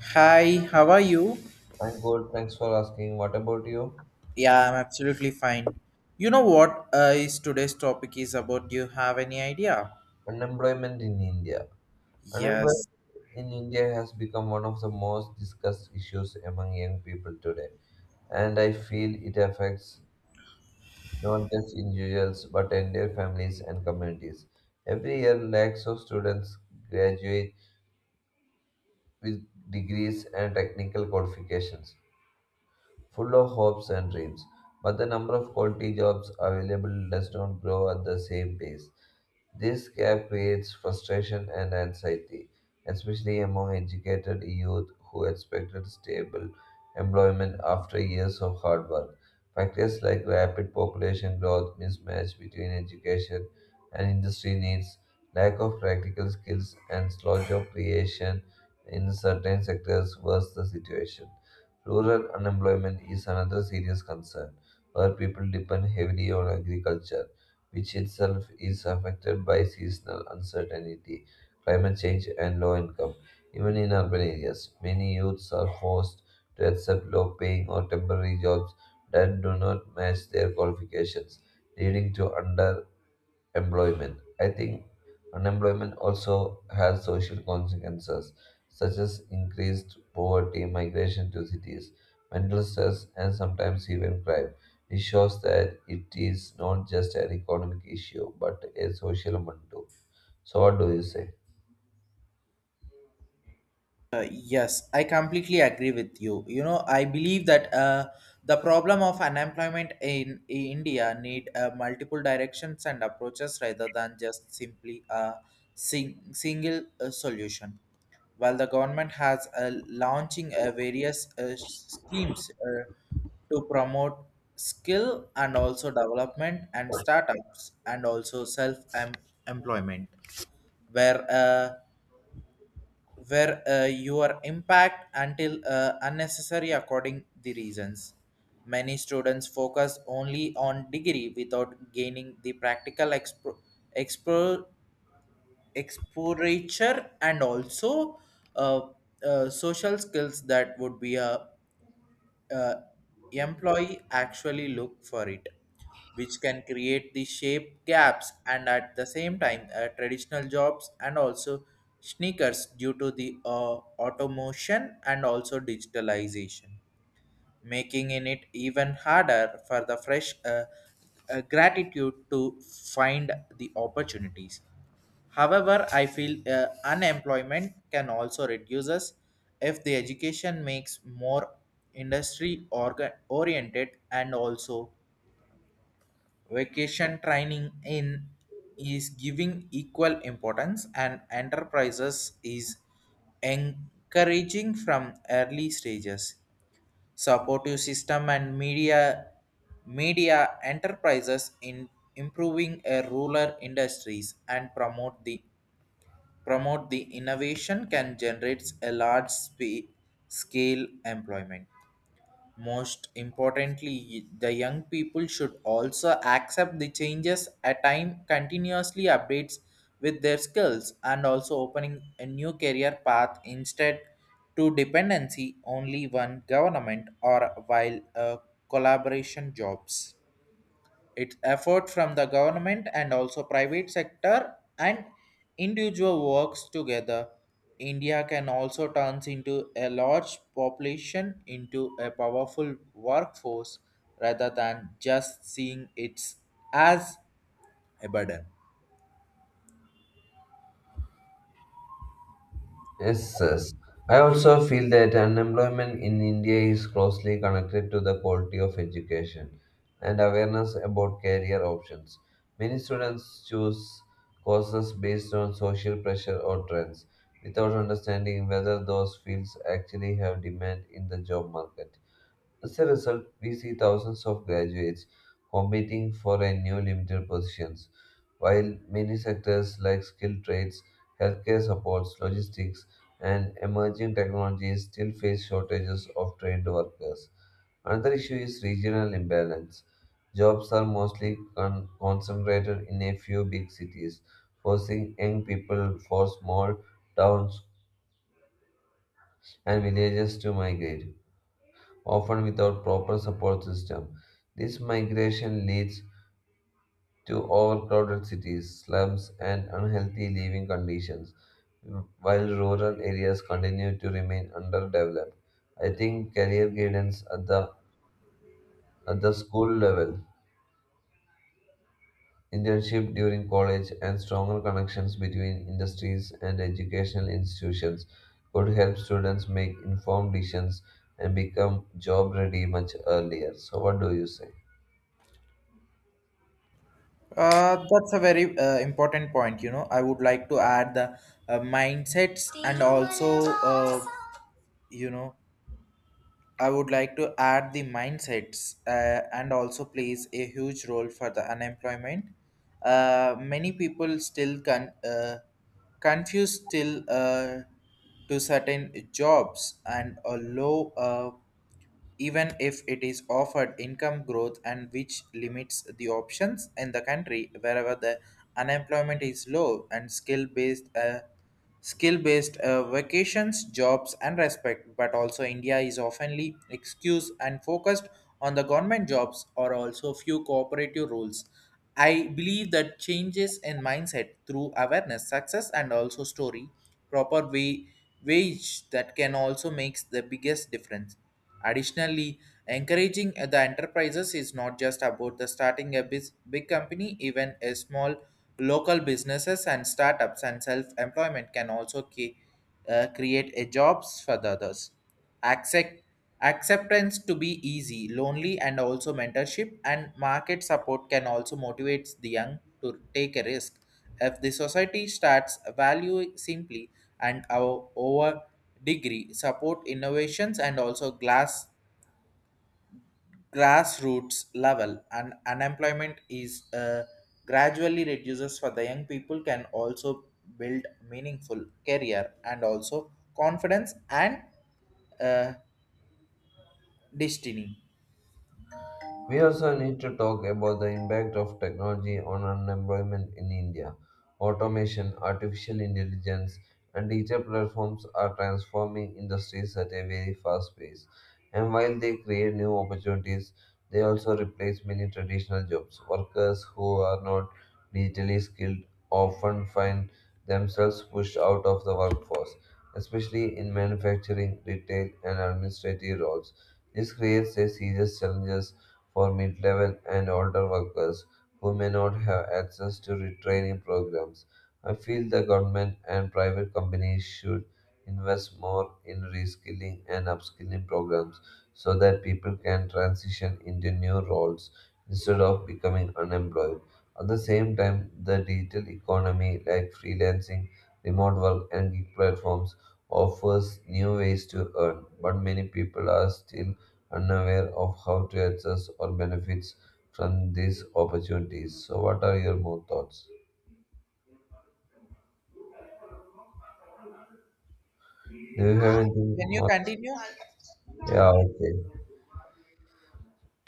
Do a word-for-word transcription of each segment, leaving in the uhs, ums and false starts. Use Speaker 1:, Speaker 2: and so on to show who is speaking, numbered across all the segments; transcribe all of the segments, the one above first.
Speaker 1: Hi, how are you?
Speaker 2: I'm good. Thanks for asking. What about you?
Speaker 1: Yeah, I'm absolutely fine. You know what uh, is today's topic is about? Do you have any idea?
Speaker 2: Unemployment in India. Unemployment
Speaker 1: Yes.
Speaker 2: in India has become one of the most discussed issues among young people today, and I feel it affects not just individuals but entire families and communities. Every year, lakhs of students graduate with degrees and technical qualifications full of hopes and dreams. But the number of quality jobs available does not grow at the same pace. This gap creates frustration and anxiety, especially among educated youth who expected stable employment after years of hard work. Factors like rapid population growth, mismatch between education and industry needs, lack of practical skills, and slow job creation in certain sectors worsen the situation. Rural unemployment is another serious concern, where people depend heavily on agriculture, which itself is affected by seasonal uncertainty, climate change, and low income. Even in urban areas, many youths are forced to accept low paying or temporary jobs that do not match their qualifications, leading to under employment. I think unemployment also has social consequences, such as increased poverty, migration to cities, mental stress, and sometimes even crime. It shows that it is not just an economic issue, but a social one too. So, what do you say?
Speaker 1: Uh, yes, I completely agree with you. You know, I believe that uh, the problem of unemployment in, in India need uh, multiple directions and approaches rather than just simply a sing- single uh, solution. While the government has uh, launching uh, various uh, schemes uh, to promote skill and also development and startups and also self-employment, where uh, where uh, your impact until uh, unnecessary according the reasons many students focus only on degree without gaining the practical expo- expo- exposure and also uh, uh, social skills that would be a uh, employee actually look for it, which can create the shape gaps and at the same time uh, traditional jobs and also sneakers due to the uh, automation and also digitalization making in it even harder for the fresh uh, uh, gratitude to find the opportunities. However, I feel uh, unemployment can also reduce us if the education makes more industry orga- oriented and also vacation training in is giving equal importance and enterprises is encouraging from early stages supportive system and media media enterprises in improving a rural industries and promote the promote the innovation can generate a large spe- scale employment most importantly, the young people should also accept the changes at time continuously updates with their skills and also opening a new career path instead to dependency only one government or while uh, collaboration jobs. Its effort from the government and also private sector and individual works together. India can also turns into a large population into a powerful workforce rather than just seeing it as a burden.
Speaker 2: Yes, yes. I also feel that unemployment in India is closely connected to the quality of education and awareness about career options. Many students choose courses based on social pressure or trends without understanding whether those fields actually have demand in the job market. As a result, we see thousands of graduates competing for a new limited positions, while many sectors like skilled trades, healthcare supports, logistics, and emerging technologies still face shortages of trained workers. Another issue is regional imbalance. Jobs are mostly con- concentrated in a few big cities, forcing young people for small towns and villages to migrate often without proper support system. This migration leads to overcrowded cities, slums, and unhealthy living conditions, while rural areas continue to remain underdeveloped. I think career guidance at the at the school level, internship during college, and stronger connections between industries and educational institutions could help students make informed decisions and become job ready much earlier. So, what do you say?
Speaker 1: Uh, that's a very uh, important point. You know, I would like to add the uh, mindsets and also, uh, you know, I would like to add the mindsets uh, and also plays a huge role for the unemployment. Uh, many people still con- uh, confuse still uh, to certain jobs and a low uh, even if it is offered income growth and which limits the options in the country wherever the unemployment is low and skill based uh, skill based uh, vacations jobs and respect but also India is oftenly excused and focused on the government jobs or also few cooperative rules. I believe that changes in mindset through awareness success and also story proper way wage that can also makes the biggest difference. Additionally, encouraging the enterprises is not just about the starting a bus- big company, even a small local businesses and startups and self-employment can also ca- uh, create a jobs for the others. Accept Acceptance to be easy, lonely, and also mentorship and market support can also motivate the young to take a risk. If the society starts value simply and our over degree support innovations and also glass grassroots level and unemployment is uh, gradually reduces for the young people can also build meaningful career and also confidence and uh, destiny.
Speaker 2: We also need to talk about the impact of technology on unemployment in India. Automation, artificial intelligence, and digital platforms are transforming industries at a very fast pace. And while they create new opportunities, they also replace many traditional jobs. Workers who are not digitally skilled often find themselves pushed out of the workforce, especially in manufacturing, retail, and administrative roles. This creates a serious challenge for mid level and older workers who may not have access to retraining programs. I feel the government and private companies should invest more in reskilling and upskilling programs so that people can transition into new roles instead of becoming unemployed. At the same time, the digital economy like freelancing, remote work, and gig platforms offers new ways to earn, but many people are still unaware of how to access or benefits from these opportunities. So, what are your more thoughts? Do you have anything
Speaker 1: Can you
Speaker 2: more?
Speaker 1: continue?
Speaker 2: Yeah, okay.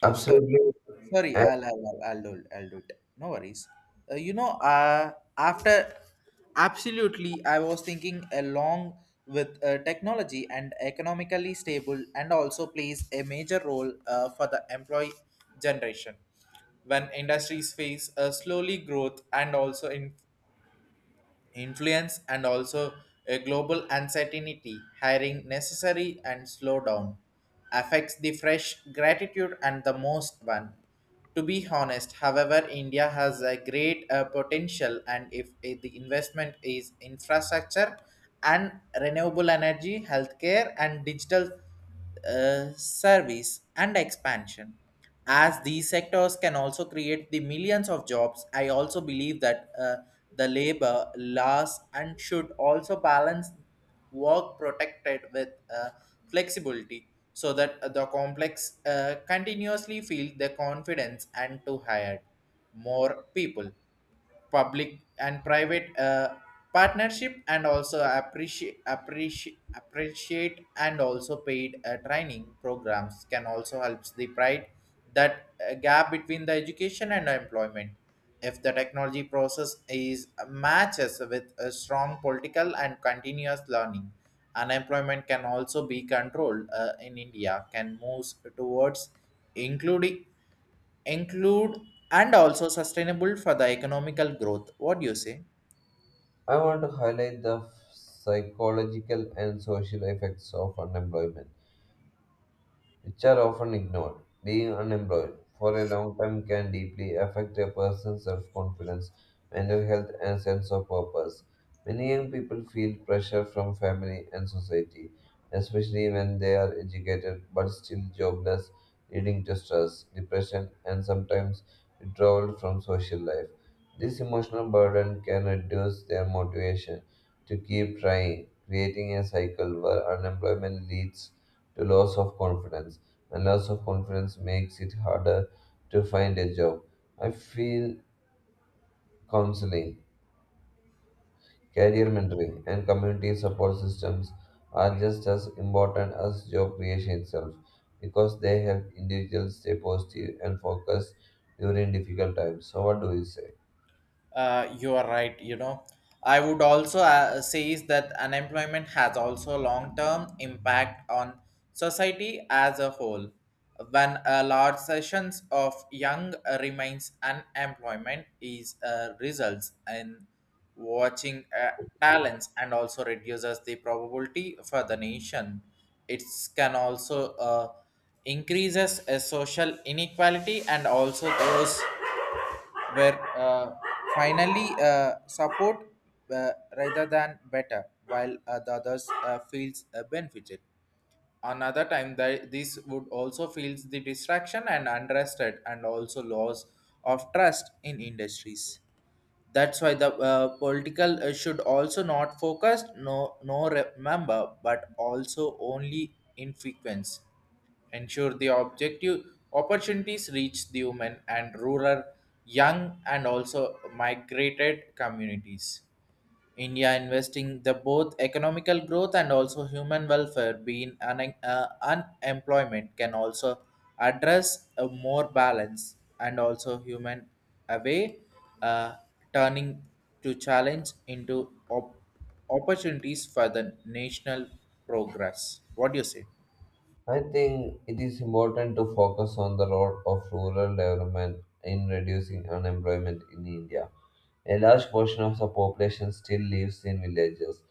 Speaker 1: uh, Sorry.
Speaker 2: Absolutely.
Speaker 1: Sorry,
Speaker 2: And
Speaker 1: I'll, I'll, I'll, I'll, do, I'll do it. No worries. Uh, you know, uh, after absolutely, I was thinking along with uh, technology and economically stable, and also plays a major role uh, for the employee generation. When industries face a slowly growth and also in influence and also a global uncertainty hiring necessary and slow down affects the fresh gratitude and the most one to be honest. However, India has a great uh, potential and if uh, the investment is infrastructure and renewable energy healthcare and digital uh, service and expansion. As these sectors can also create the millions of jobs, I also believe that uh, the labor laws and should also balance work protected with uh, flexibility so that the complex uh, continuously feel the confidence and to hire more people public and private uh, partnership and also appreciate appreciate appreciate and also paid uh, training programs can also helps the pride that uh, gap between the education and employment if the technology process is uh, matches with a strong political and continuous learning unemployment can also be controlled uh, in India can move towards including include and also sustainable for the economical growth. What do you say?
Speaker 2: I want to highlight the psychological and social effects of unemployment, which are often ignored. Being unemployed for a long time can deeply affect a person's self confidence, mental health, and sense of purpose. Many young people feel pressure from family and society, especially when they are educated but still jobless, leading to stress, depression, and sometimes withdrawal from social life. This emotional burden can reduce their motivation to keep trying, creating a cycle where unemployment leads to loss of confidence, and loss of confidence makes it harder to find a job. I feel counseling, career mentoring, and community support systems are just as important as job creation itself because they help individuals stay positive and focused during difficult times. So, what do you say?
Speaker 1: Uh, you are right. You know, I would also uh, say is that unemployment has also long-term impact on society as a whole. When a large sessions of young remains unemployment is uh, results in watching uh, talents and also reduces the probability for the nation. It can also uh, increases uh, social inequality and also those were uh, finally uh, support uh, rather than better, while uh, the others uh, feels uh, benefited. Another time, that this would also feels the distraction and unrested, and also loss of trust in industries. That's why the uh, political uh, should also not focus no no remember, but also only in frequency ensure the objective opportunities reach the women and rural young and also migrated communities India investing the both economical growth and also human welfare being un- uh, unemployment can also address a more balance and also human away uh, turning to challenge into op- opportunities for the national progress. What do you say?
Speaker 2: I think it is important to focus on the role of rural development in reducing unemployment in India. A large portion of the population still lives in villages,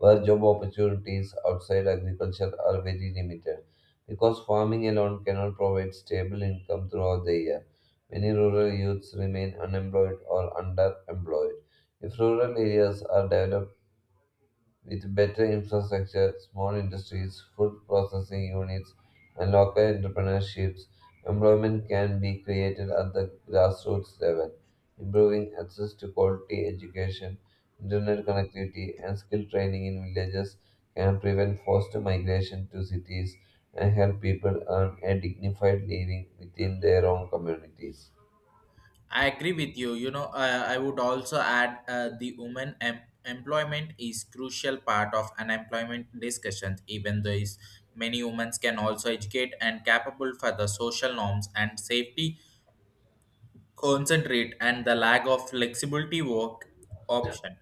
Speaker 2: where job opportunities outside agriculture are very limited, because farming alone cannot provide stable income throughout the year. Many rural youths remain unemployed or underemployed. If rural areas are developed, with better infrastructure, small industries, food processing units, and local entrepreneurships, employment can be created at the grassroots level, improving access to quality education, internet connectivity, and skill training in villages can prevent forced migration to cities and help people earn a dignified living within their own communities.
Speaker 1: I agree with you. You know, uh, I would also add uh, the women em- employment is crucial part of unemployment discussions. Even though is many women can also educate and capable for the social norms and safety, concentrate and the lack of flexibility work option,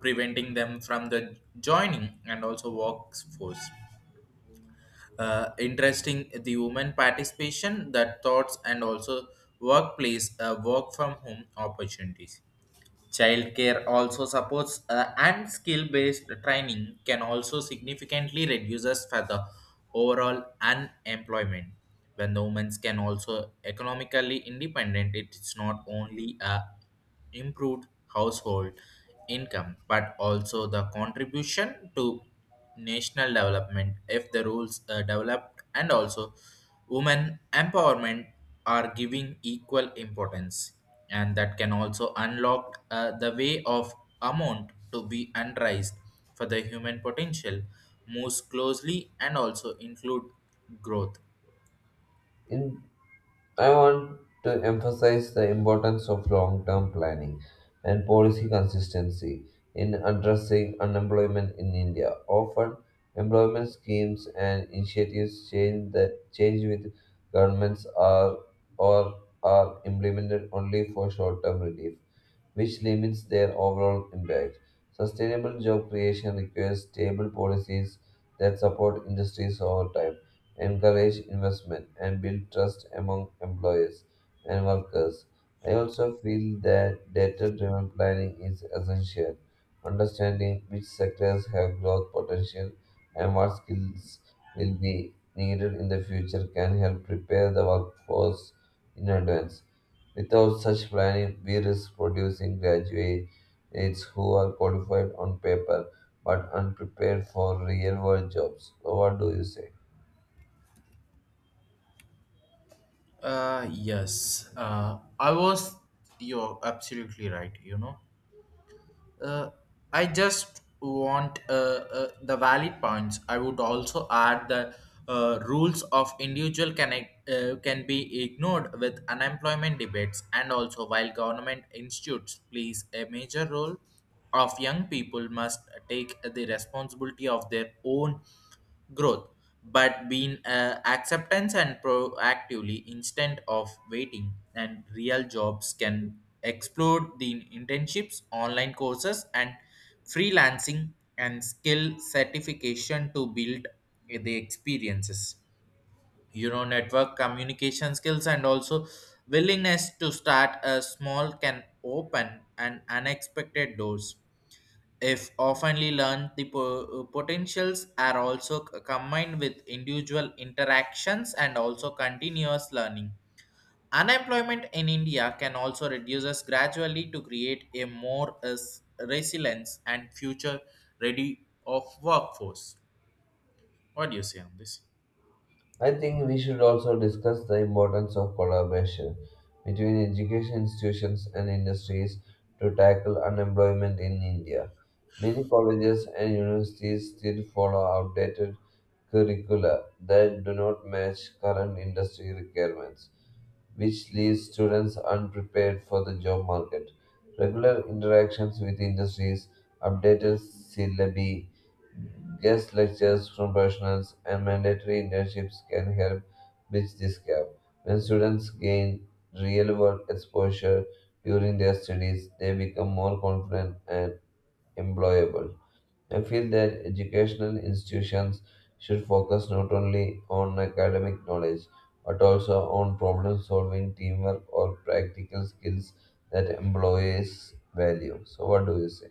Speaker 1: preventing them from the joining and also workforce. Uh, interesting the women participation, the thoughts and also workplace uh, work from home opportunities. Childcare also supports uh, and skill-based training can also significantly reduces for the overall unemployment. When the women can also economically independent, it's not only a improved household income but also the contribution to national development if the rules are developed and also women empowerment are giving equal importance and that can also unlock uh, the way of amount to be unraised for the human potential moves closely and also include growth.
Speaker 2: In I want to emphasize the importance of long term planning and policy consistency in addressing unemployment in India. Often, employment schemes and initiatives change, the, change with governments are or are implemented only for short term relief, which limits their overall impact. Sustainable job creation requires stable policies that support industries over time, encourage investment, and build trust among employers and workers. I also feel that data driven planning is essential. Understanding which sectors have growth potential and what skills will be needed in the future can help prepare the workforce in advance. Without such planning, we risk producing graduates who are qualified on paper but unprepared for real world jobs. So, what do you say?
Speaker 1: uh yes uh I was, you're absolutely right. You know, Uh, I just want uh, uh, the valid points. I would also add that uh, rules of individual connect, uh, can be ignored with unemployment debates, and also while government institutes plays a major role of young people must take the responsibility of their own growth, but being uh, acceptance and proactively instead of waiting. And real jobs can explore the internships, online courses, and freelancing and skill certification to build the experiences. You know, network communication skills and also willingness to start a small can open an unexpected doors if oftenly learned, the po- uh, potentials are also c- combined with individual interactions and also continuous learning. Unemployment in India can also reduces gradually to create a more uh, s- resilience and future ready of workforce. What do you say on this?
Speaker 2: I think we should also discuss the importance of collaboration between education institutions and industries to tackle unemployment in India. Many colleges and universities still follow outdated curricula that do not match current industry requirements, which leaves students unprepared for the job market. Regular interactions with industries, updated syllabi, guest lectures from professionals and mandatory internships can help bridge this gap. When students gain real world exposure during their studies, they become more confident and employable. I feel that educational institutions should focus not only on academic knowledge but also on problem solving, teamwork, or practical skills that employees value. So, what do you say?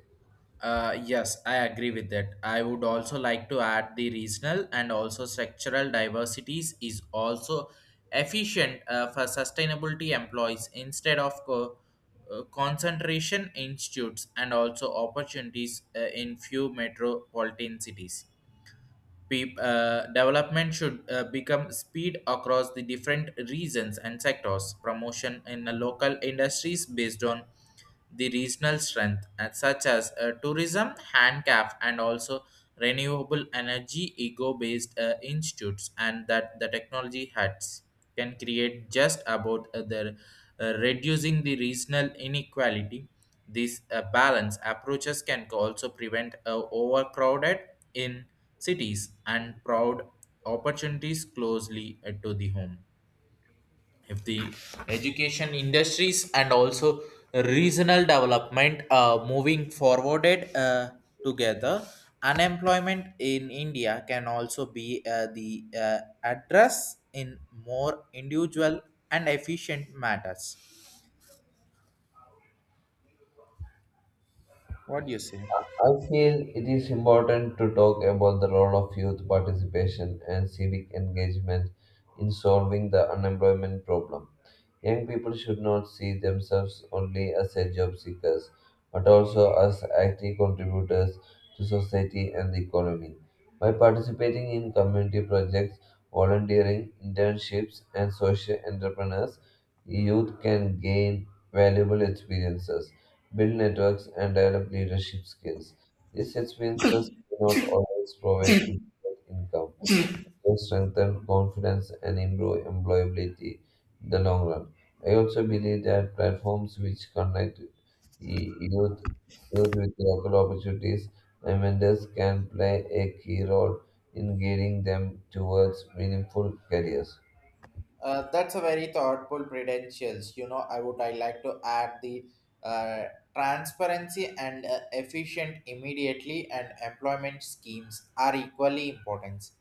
Speaker 1: Uh, yes, I agree with that. I would also like to add the regional and also structural diversities is also efficient uh, for sustainability employees instead of co- uh, concentration institutes and also opportunities uh, in few metropolitan cities. Peop- uh, development should uh, become speed across the different regions and sectors. Promotion in the local industries based on the regional strength, and such as uh, tourism, handcraft, and also renewable energy, ego-based uh, institutes, and that the technology hats can create just about uh, the uh, reducing the regional inequality. These uh, balance approaches can also prevent uh, overcrowded in cities and proud opportunities closely uh, to the home if the education industries and also regional development are moving forwarded uh, together unemployment in India can also be uh, the uh, address in more individual and efficient matters. What do you say?
Speaker 2: I feel it is important to talk about the role of youth participation and civic engagement in solving the unemployment problem. Young people should not see themselves only as a job seekers, but also as active contributors to society and the economy. By participating in community projects, volunteering, internships, and social entrepreneurs, youth can gain valuable experiences, build networks, and develop leadership skills. These experiences do not always provide immediate income will strengthen confidence and improve employability in the long run. I also believe that platforms which connect y- youth, youth with local opportunities and vendors can play a key role in guiding them towards meaningful careers.
Speaker 1: Uh, that's a very thoughtful credentials. You know, I would I like to add the uh, transparency and uh, efficient immediately and employment schemes are equally important.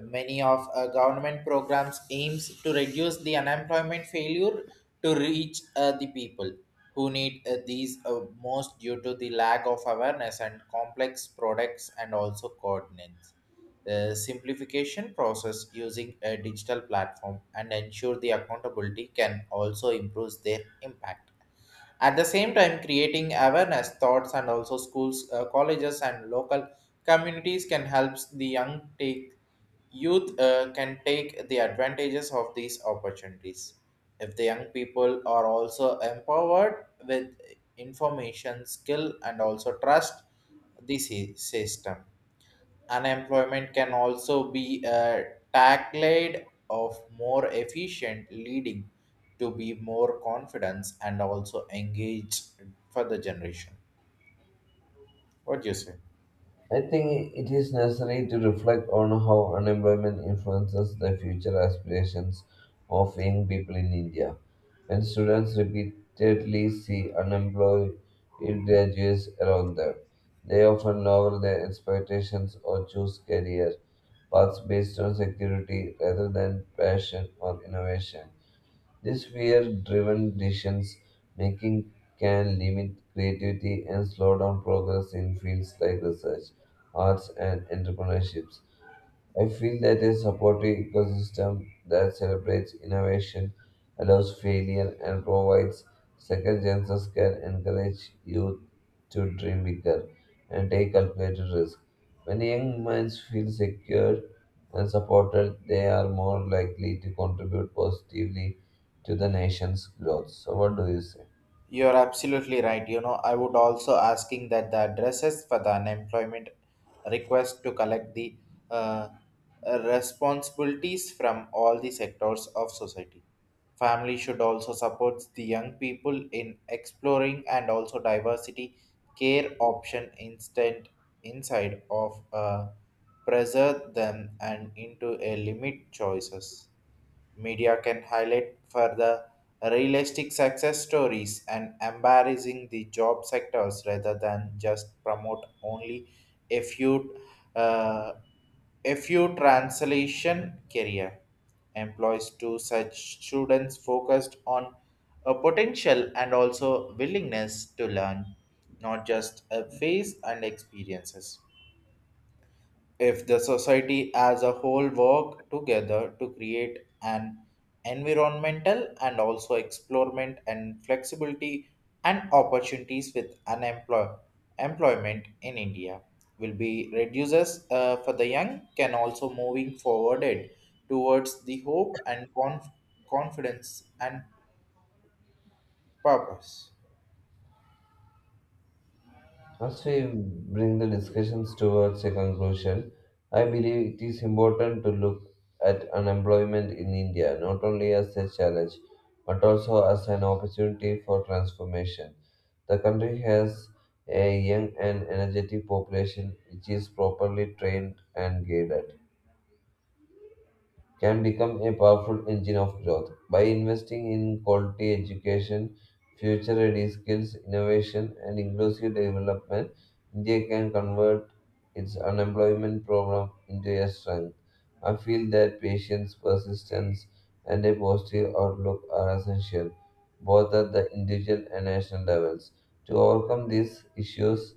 Speaker 1: Many of uh, government programs aims to reduce the unemployment failure to reach uh, the people who need uh, these uh, most due to the lack of awareness and complex products and also coordinates the simplification process using a digital platform and ensure the accountability can also improve their impact. At the same time, creating awareness thoughts and also schools, uh, colleges, and local communities can help the young take youth uh, can take the advantages of these opportunities. If the young people are also empowered with information, skill, and also trust the sy- system. Unemployment can also be a tagline of more efficient, leading to be more confidence and also engaged for the generation. What do you say?
Speaker 2: I think it is necessary to reflect on how unemployment influences the future aspirations of young people in India. When students repeatedly see unemployed graduates around them, they often lower their expectations or choose career paths based on security rather than passion or innovation. These fear-driven decisions making can limit creativity and slow down progress in fields like research, arts, and entrepreneurships. I feel that a supportive ecosystem that celebrates innovation, allows failure, and provides second chances can encourage youth to dream bigger and take calculated risks. When young minds feel secure and supported, they are more likely to contribute positively to the nation's growth. So, what do you say?
Speaker 1: You're absolutely right. You know, I would also asking that the addresses for the unemployment request to collect the uh, responsibilities from all the sectors of society. Family should also support the young people in exploring and also diversity care option instant inside of uh, pressure them and into a limit choices. Media can highlight further realistic success stories and embarrassing the job sectors rather than just promote only a few uh, a few translation career employs to such students focused on a potential and also willingness to learn, not just a face and experiences. If the society as a whole work together to create an environmental and also explorement and flexibility and opportunities with unemployment employment in India will be reduces, uh, for the young can also moving forwarded towards the hope and conf- confidence and purpose.
Speaker 2: As we bring the discussions towards a conclusion, I believe it is important to look at unemployment in India not only as a challenge but also as an opportunity for transformation. The country has a young and energetic population which is properly trained and guided can become a powerful engine of growth. By investing in quality education, future ready skills, innovation, and inclusive development, India can convert its unemployment problem into a strength. I feel that patience, persistence, and a positive outlook are essential, both at the individual and national levels, to overcome these issues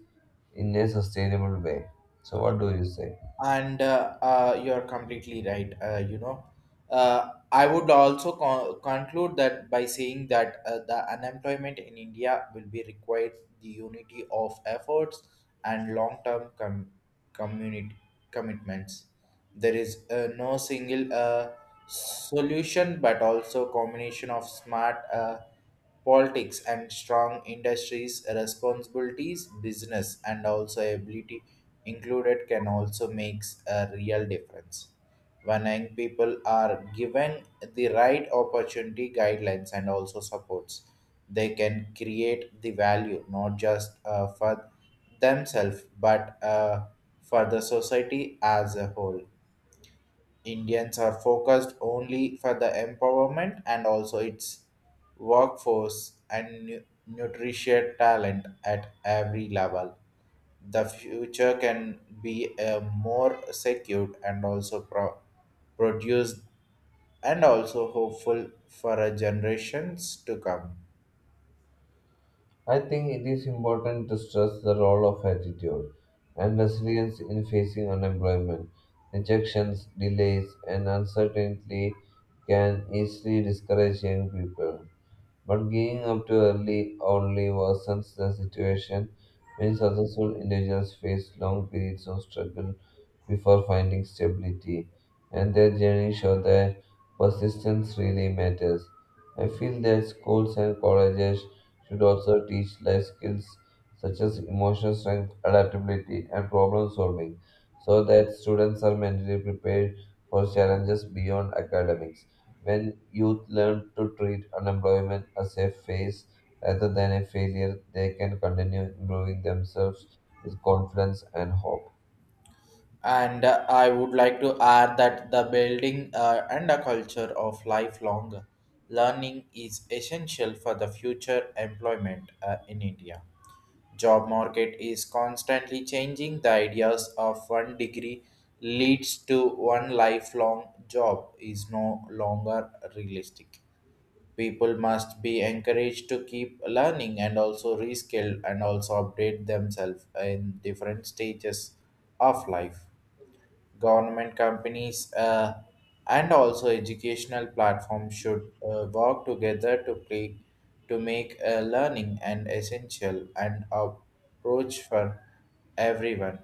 Speaker 2: in a sustainable way. So, what do you say?
Speaker 1: And uh, uh, you're completely right, uh, you know Uh, I would also con- conclude that by saying that uh, the unemployment in India will be required the unity of efforts and long-term com- community commitments. There is uh, no single uh, solution, but also combination of smart uh, politics and strong industries responsibilities, business, and also ability included can also makes a real difference. When young people are given the right opportunity guidelines and also supports, they can create the value, not just uh, for themselves but uh, for the society as a whole. Indians are focused only for the empowerment and also its workforce and nu- nutrition talent at every level. The future can be a more secured and also pro- produced and also hopeful for a generations to come.
Speaker 2: I think it is important to stress the role of attitude and resilience in facing unemployment. Rejections, delays, and uncertainty can easily discourage young people. But giving up too early only worsens the situation. Many successful individuals face long periods of struggle before finding stability, and their journey shows that persistence really matters. I feel that schools and colleges should also teach life skills such as emotional strength, adaptability, and problem solving so that students are mentally prepared for challenges beyond academics. When youth learn to treat unemployment as a phase rather than a failure, they can continue improving themselves with confidence and hope.
Speaker 1: And uh, I would like to add that the building uh, and a culture of lifelong learning is essential for the future employment uh, in India. Job market is constantly changing. The ideas of one degree leads to one lifelong job is no longer realistic. People must be encouraged to keep learning and also reskill and also update themselves in different stages of life. Government companies, uh, and also educational platforms should uh, work together to play, to make uh, learning an essential and approach for everyone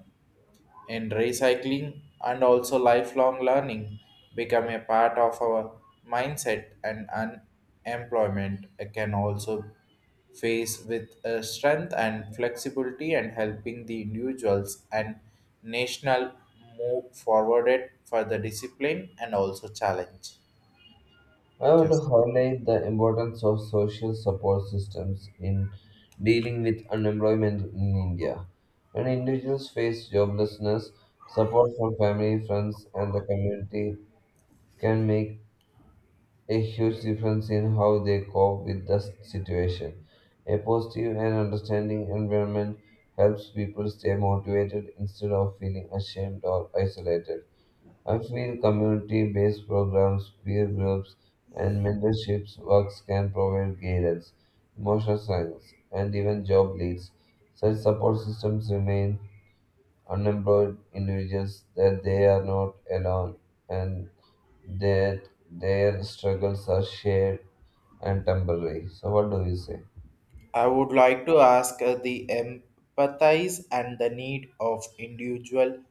Speaker 1: in recycling and also lifelong learning become a part of our mindset, and unemployment can also face with a strength and flexibility and helping the individuals and national move forward it for the discipline and also challenge.
Speaker 2: I want to
Speaker 1: Just
Speaker 2: highlight the importance of social support systems in dealing with unemployment in India. When individuals face joblessness, support from family, friends, and the community can make a huge difference in how they cope with the situation. A positive and understanding environment helps people stay motivated instead of feeling ashamed or isolated. I feel community based programs, peer groups, and mentorships works can provide guidance, emotional science, and even job leads. Such support systems remain unemployed individuals that they are not alone and that their struggles are shared and temporary. So, what do you say?
Speaker 1: I would like to ask uh, the empathize and the need of individual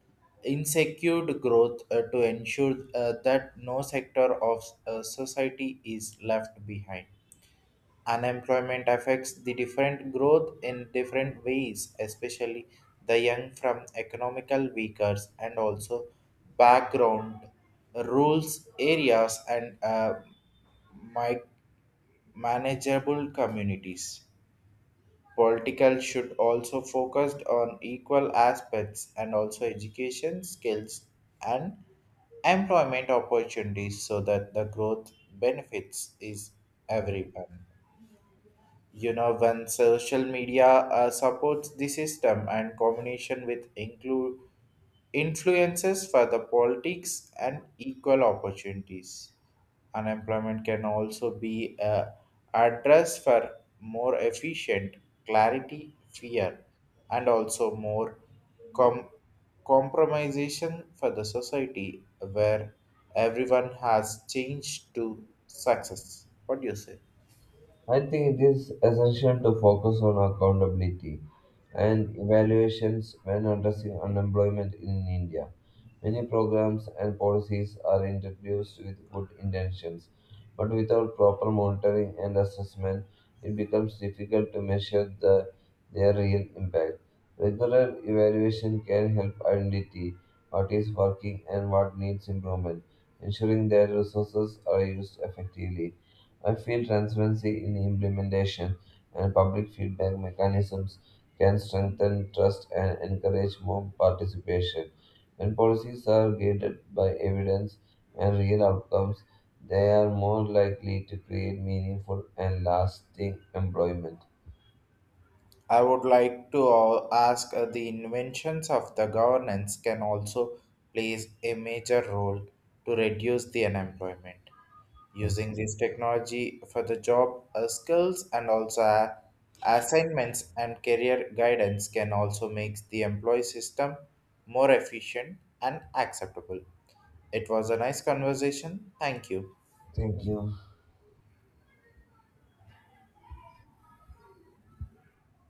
Speaker 1: insecure growth, uh, to ensure uh, that no sector of uh, society is left behind. Unemployment affects the different growth in different ways, especially the young from economical weakers and also background, rules areas, and uh, mi- manageable communities. Political should also focused on equal aspects and also education, skills, and employment opportunities so that the growth benefits is everyone. You know, when social media uh, supports the system and combination with include influences for the politics and equal opportunities, unemployment can also be a address for more efficient, clarity fear, and also more com- compromisation for the society where everyone has changed to success. What do you say?
Speaker 2: I think it is essential to focus on accountability and evaluations when addressing unemployment in India. Many programs and policies are introduced with good intentions, but without proper monitoring and assessment, it becomes difficult to measure the, their real impact. Regular evaluation can help identify what is working and what needs improvement, ensuring that resources are used effectively. I feel transparency in implementation and public feedback mechanisms can strengthen trust and encourage more participation. When policies are guided by evidence and real outcomes, they are more likely to create meaningful and lasting employment.
Speaker 1: I would like to uh, ask uh, the inventions of the governance can also plays a major role to reduce the unemployment. Using
Speaker 2: Yes,
Speaker 1: this technology for the job uh, skills and also uh, assignments and career guidance can also make the employee system more efficient and acceptable. It was a nice conversation. Thank you.
Speaker 2: thank you.